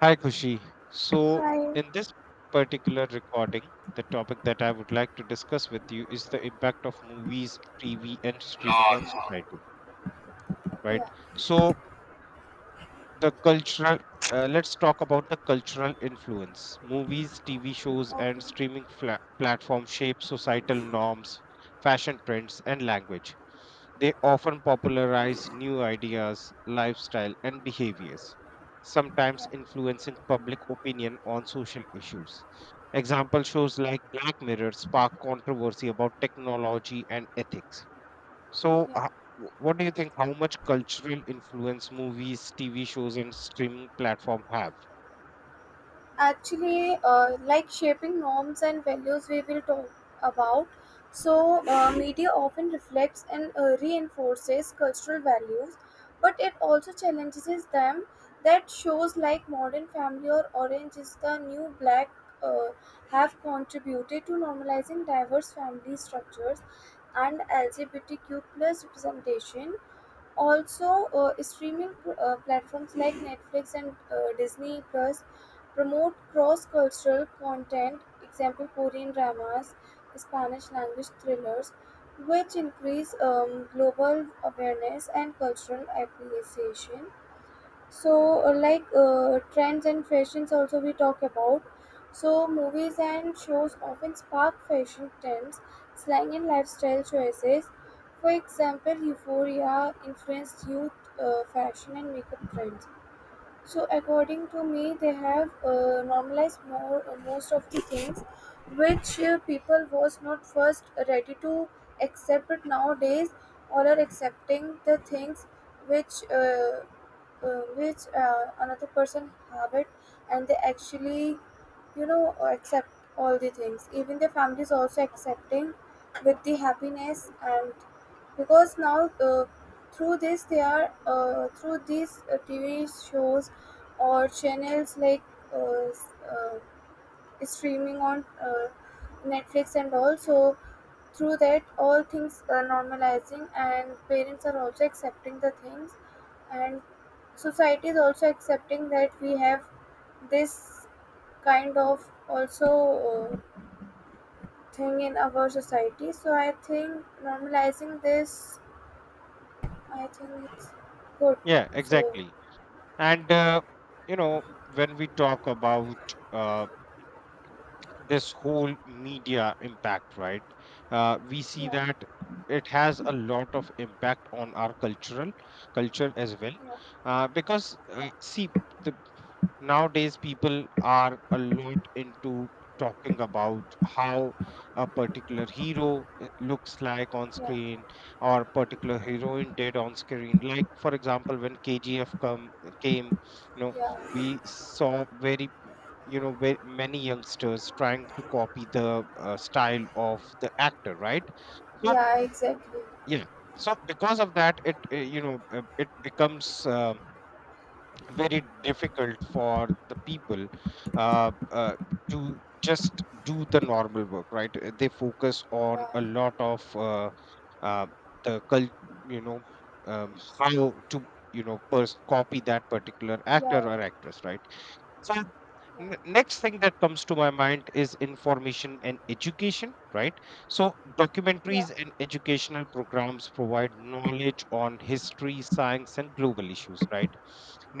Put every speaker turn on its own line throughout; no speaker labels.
Hi, Kushi. So,
Hi.
in this particular recording, the topic that I would like to discuss with you is the impact of movies, TV, and streaming on
Normal.
society, right?
Yeah.
So, the cultural, let's talk about the cultural influence. Movies, TV shows, and
Okay.
streaming platforms shape societal norms, fashion trends, and language. They often popularize new ideas, lifestyle, and behaviors, sometimes
Yeah.
influencing public opinion on social issues. Example shows like Black Mirror spark controversy about technology and ethics. So,
Yeah.
what do you think? How much cultural influence movies, TV shows, and streaming platform have?
Actually, like shaping norms and values, we will talk about. So, media often reflects and reinforces cultural values, but it also challenges them. That shows like Modern Family or Orange is the New Black uh, have contributed to normalizing diverse family structures and LGBTQ plus representation. Also, platforms like Netflix and Disney Plus promote cross-cultural content, example Korean dramas, Spanish language thrillers, which increase global awareness and cultural appreciation. So trends and fashions also we talk about. So movies and shows often spark fashion trends, slang and lifestyle choices. For example, euphoria influenced youth fashion and makeup trends. So according to me, they have normalized more, most of the things which people was not first ready to accept, but nowadays all are accepting the things which another person have it, and they actually accept all the things. Even their family is also accepting with the happiness, and because now through this they are through these TV shows or channels like uh, s- uh, streaming on Netflix, and also through that all things are normalizing and parents are also accepting the things. And society is also accepting that we have this kind of also thing in our society. So I think normalizing this, I think it's good.
Yeah,
So
exactly. And you know, when we talk about uh, this whole media impact, right? We see
yeah,
that it has a lot of impact on our cultural culture as well,
yeah,
because,
yeah,
see, the nowadays people are a lot into talking about how a particular hero it looks like on
yeah,
screen, or particular heroine did on screen, like for example when KGF came, you know
yeah,
we saw very many youngsters trying to copy the style of the actor, right? So,
yeah, exactly.
yeah. So, because of that it you know it becomes, very difficult for the people uh, uh, to just do the normal work, right? They focus on a
Yeah,
lot of uh, the cult you know how to copy that particular actor
yeah,
or actress, right? So,
yeah,
next thing that comes to my mind is information and education, right? So,
yeah,
documentaries and educational programs provide knowledge on history, science, and global issues, right?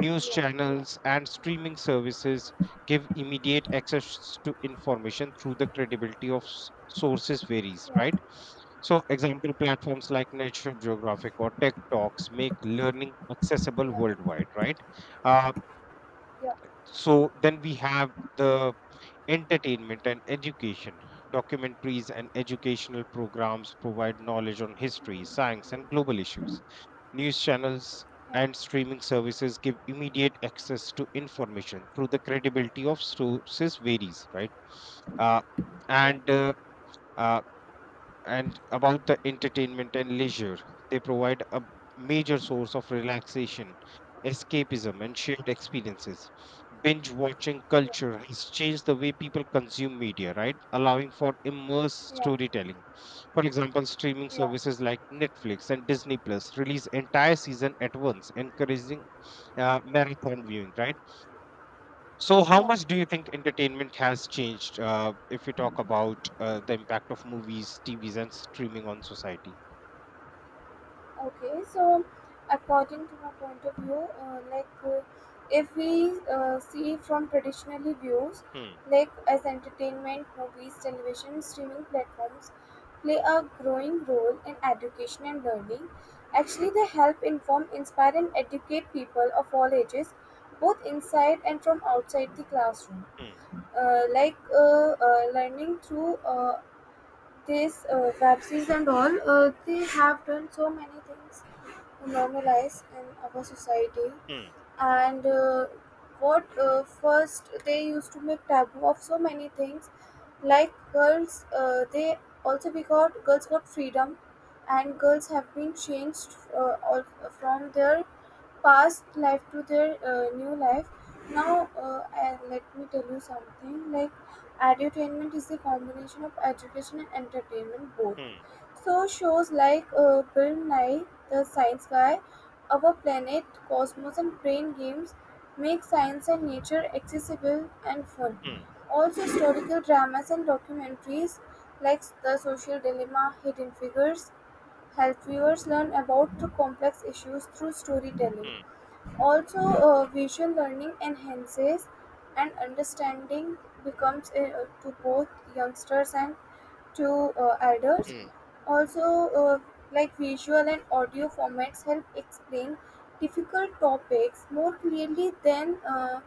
yeah, yeah, yeah,
channels and streaming services give immediate access to information through the credibility of sources varies, right? So, example platforms like National Geographic or Tech Talks make learning
yeah, yeah, yeah,
accessible
yeah, yeah.
worldwide, right? uh,
Yeah,
so, then we have the entertainment and education. Documentaries and educational programs provide knowledge on history, science, and global issues. News channels and
yeah,
streaming services give immediate access to information through the credibility of sources varies, right? Uh, and uh, uh, and about the entertainment and leisure. They provide a major source of relaxation, escapism, and shared experiences. Binge watching culture has changed the way people consume media, right? Allowing for immersed
yeah,
storytelling. For example, streaming
yeah,
services like Netflix and Disney Plus release entire season at once, encouraging marathon viewing, right? So, how
yeah.
much do you think entertainment has changed, if we talk about the impact of movies, TVs, and streaming on society?
Okay, so according to my point of view, if we see from traditionally views,
Hmm,
like as entertainment, movies, television, streaming platforms play a growing role in education and learning. Actually, they help inform, inspire, and educate people of all ages, both inside and from outside the classroom.
hmm,
Learning through this web series and all, they have done so many things normalize in our society.
hmm,
And what first they used to make taboo of so many things, like girls, they also we got girls got freedom, and girls have been changed all, from their past life to their new life now. Uh, and let me tell you something, like edutainment is the combination of education and entertainment both.
hmm,
So shows like Bill Nye the Science Guy, Our Planet, Cosmos and Brain Games make science and nature accessible and fun.
hmm,
Also historical dramas and documentaries like The Social Dilemma, Hidden Figures help viewers learn about the complex issues through storytelling.
hmm,
Also, visual learning enhances and understanding becomes to both youngsters and to elders.
hmm,
Also, uh, like visual and audio formats help explain difficult topics more clearly than uh,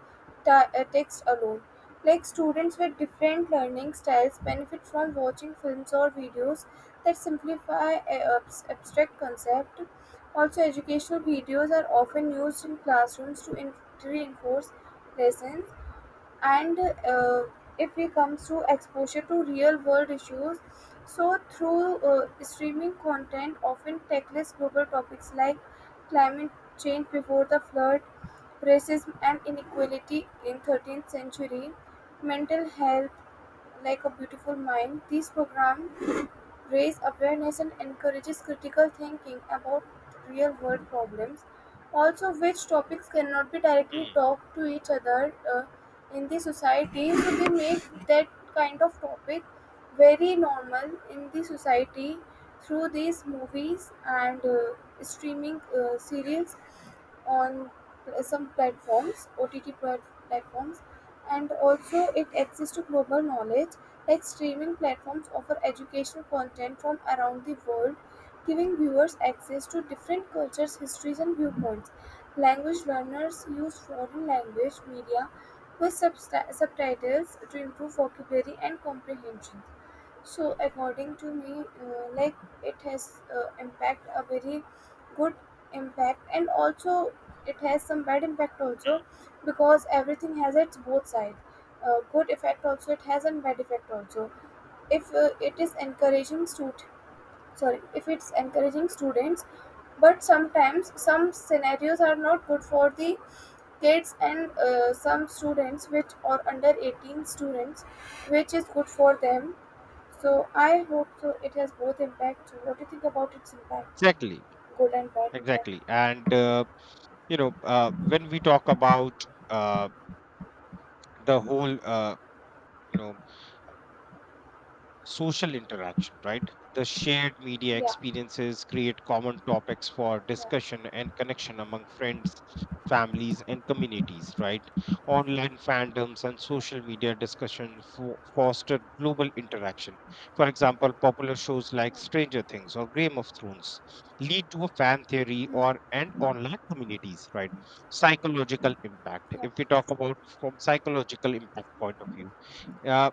ta- uh, text alone. Like students with different learning styles benefit from watching films or videos that simplify abstract concept. Also, educational videos are often used in classrooms to reinforce lessons. And if it comes to exposure to real world issues, so through streaming content often tackles global topics like climate change before the flood, racism and inequality in 13th century, mental health like a beautiful mind. These programs raise awareness and encourages critical thinking about real world problems. Also which topics cannot be directly
hmm,
talked to each other in the society, so they make that kind of topic very normal in the society through these movies and streaming serials on some platforms, OTT platforms, and also it access to global knowledge. Like streaming platforms offer educational content from around the world, giving viewers access to different cultures, histories, and viewpoints. Language learners use foreign language media with subtitles to improve vocabulary and comprehension. So according to me, it has impact, a very good impact, and also it has some bad impact
hmm.
also, because everything has its both side. Good effect also it has and bad effect also. If it's encouraging students, but sometimes some scenarios are not good for the kids, and some students which are under 18 students, which is good for them, so I hope so. It has both impact. So what do you think about its impact?
Exactly,
Good and bad impact.
exactly. And
Mm.
when we talk about the whole, you know, social interaction, right? The shared media
Yeah,
experiences create common topics for
yeah,
discussion and connection among friends, families, and communities, right? Online fandoms and
yeah,
social media discussion foster global interaction. For example, popular shows like Stranger Things or Game of Thrones lead to a fan theory
mm. Mm.
or and online communities, right? Psychological impact.
Yeah,
If we talk about from psychological impact point of view, uh,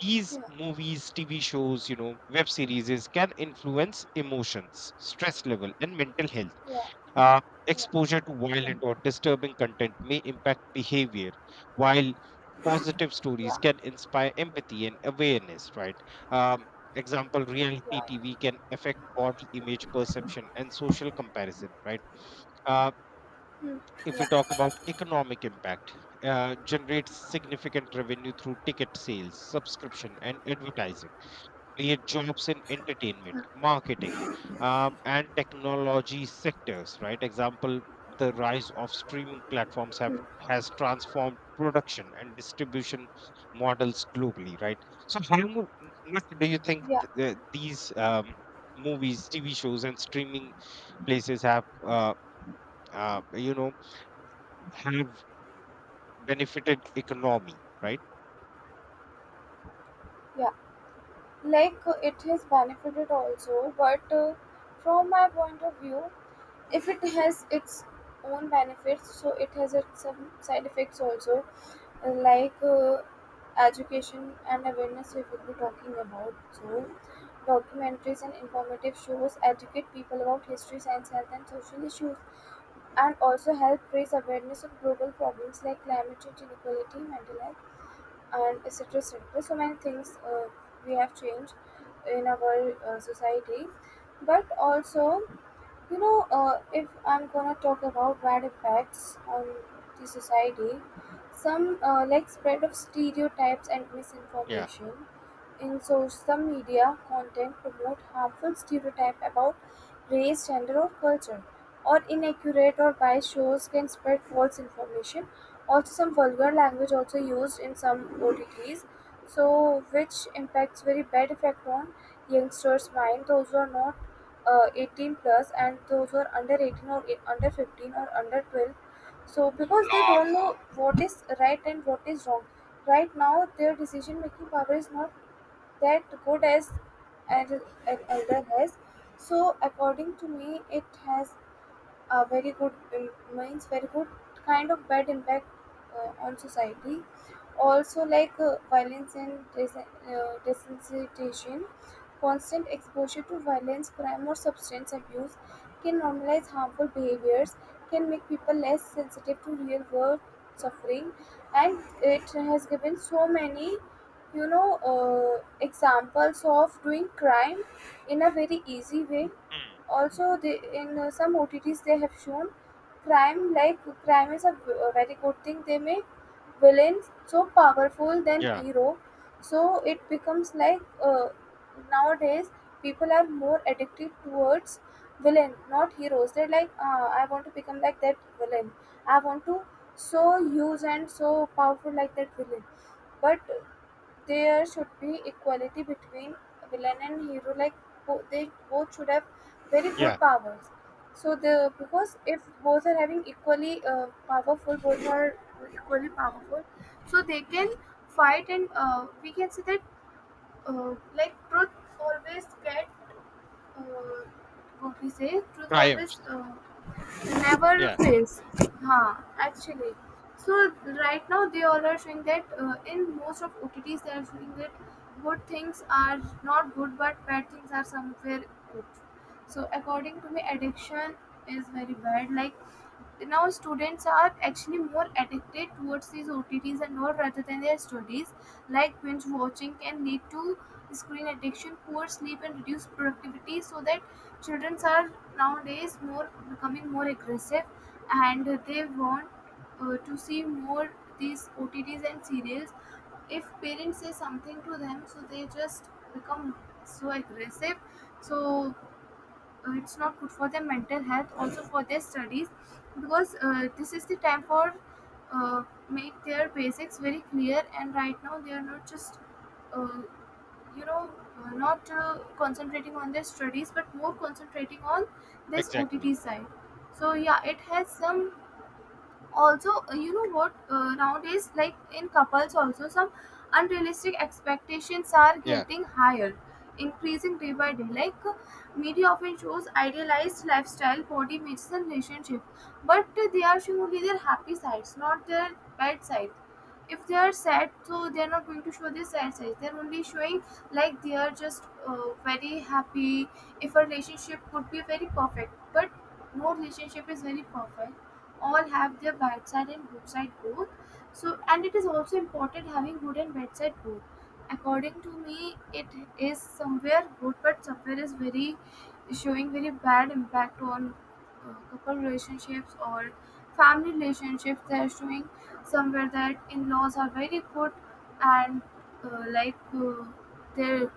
these
yeah,
movies, TV shows, web series can influence emotions, stress level, and mental health.
yeah,
Uh,
yeah,
Exposure to violent or disturbing content may impact behavior, while positive
yeah,
stories can
yeah,
inspire empathy and awareness, right? Um, Example, reality
yeah,
TV can affect body image perception and social comparison, right? uh,
mm.
if we
Yeah,
talk about economic impact, generates significant revenue through ticket sales, subscription, and advertising, create jobs in entertainment, marketing, and technology sectors. Right? Example: the rise of streaming platforms have
mm.
has transformed production and distribution models globally, right? So, how much do you think
Yeah,
these movies, TV shows, and streaming places uh, you know, have benefited economy, right?
yeah. Like it has benefited also, but from my point of view, if it has its own benefits, so it has its some side effects also. Like education and awareness we will be talking about. So documentaries and informative shows educate people about history, science, health and social issues, and also help raise awareness of global problems like climate change, inequality, mental health, and etc, etc. So many things we have changed in our society. But also, you know, if I'm gonna talk about bad effects on the society, some like spread of stereotypes and
Yeah.
misinformation. In social media content promote harmful stereotype about race, gender or culture, or inaccurate or biased shows can spread false information. Also some vulgar language also used in some OTTs, so which impacts very bad effect on youngsters' mind, those who are not 18 plus, and those who are under 18 or under 15 or under 12. So because they don't know what is right and what is wrong right now, their decision making power is not that good as an an elder has. So according to me, it has a very good means very good kind of bad impact on society. Also like violence and desensitization, constant exposure to violence, crime or substance abuse can normalize harmful behaviors, can make people less sensitive to real world suffering. And it has given so many, examples of doing crime in a very easy way.
Mm.
Also, they in some OTTs they have shown crime like crime is a a very good thing. They make villains so powerful than
Yeah.
hero, so it becomes like nowadays people are more addicted towards villain, not heroes. They're like, I want to become like that villain. I want to so use and so powerful like that villain. But there should be equality between villain and hero. Like they both should have very
Yeah.
good powers. So the because if both are having equally powerful, both are equally powerful, so they can fight, and we can say that truth always get uh, what we say truth always
Triumphs.
never
Yeah.
fails, huh? Actually, so right now they all are showing that in most of OTTs they are showing that good things are not good but bad things are somewhere good. So according to me, addiction is very bad. Like now students are actually more addicted towards these OTTs and all rather than their studies. Like binge watching can lead to screen addiction, poor sleep, and reduced productivity. So that children are nowadays more becoming more aggressive, and they want to see more these OTTs and serials. If parents say something to them, so they just become so aggressive. So it's not good for their mental health, also for their studies, because this is the time for uh, make their basics very clear, and right now they are not just uh, you know not concentrating on their studies but more concentrating on this OTT
Exactly.
side. So yeah, it has some. Also you know what nowadays like in couples also some unrealistic expectations are
Yeah.
getting higher, increasing day by day. Like media often shows idealized lifestyle, body images and relationship, but they are showing only their happy sides, not their bad side. If they are sad, so they are not going to show their sad sides, they are only showing like they are just very happy. If a relationship could be very perfect, but no relationship is very perfect. All have their bedside and roadside both. So, and it is also important having good and bedside both. According to me, it is somewhere good, but somewhere is very showing very bad impact on couple relationships or family relationships. They are showing somewhere that in-laws are very good, and like their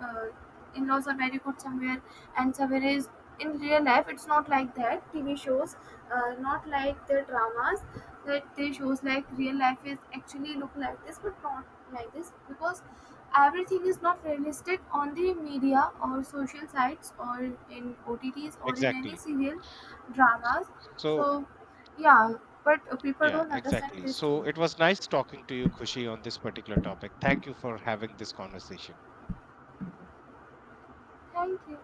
uh, in-laws are very good somewhere, and somewhere is in real life it's not like that TV shows, not like the dramas that they shows, like real life is actually look like this, but not like this, because everything is not realistic on the media or social sites or in OTTs or in any
Exactly.
serial dramas. So
So,
yeah, but people
yeah,
don't understand
exactly.
this
So,
thing.
it was nice talking to you, Kushi, on this particular topic. Thank you for having this conversation.
Thank you.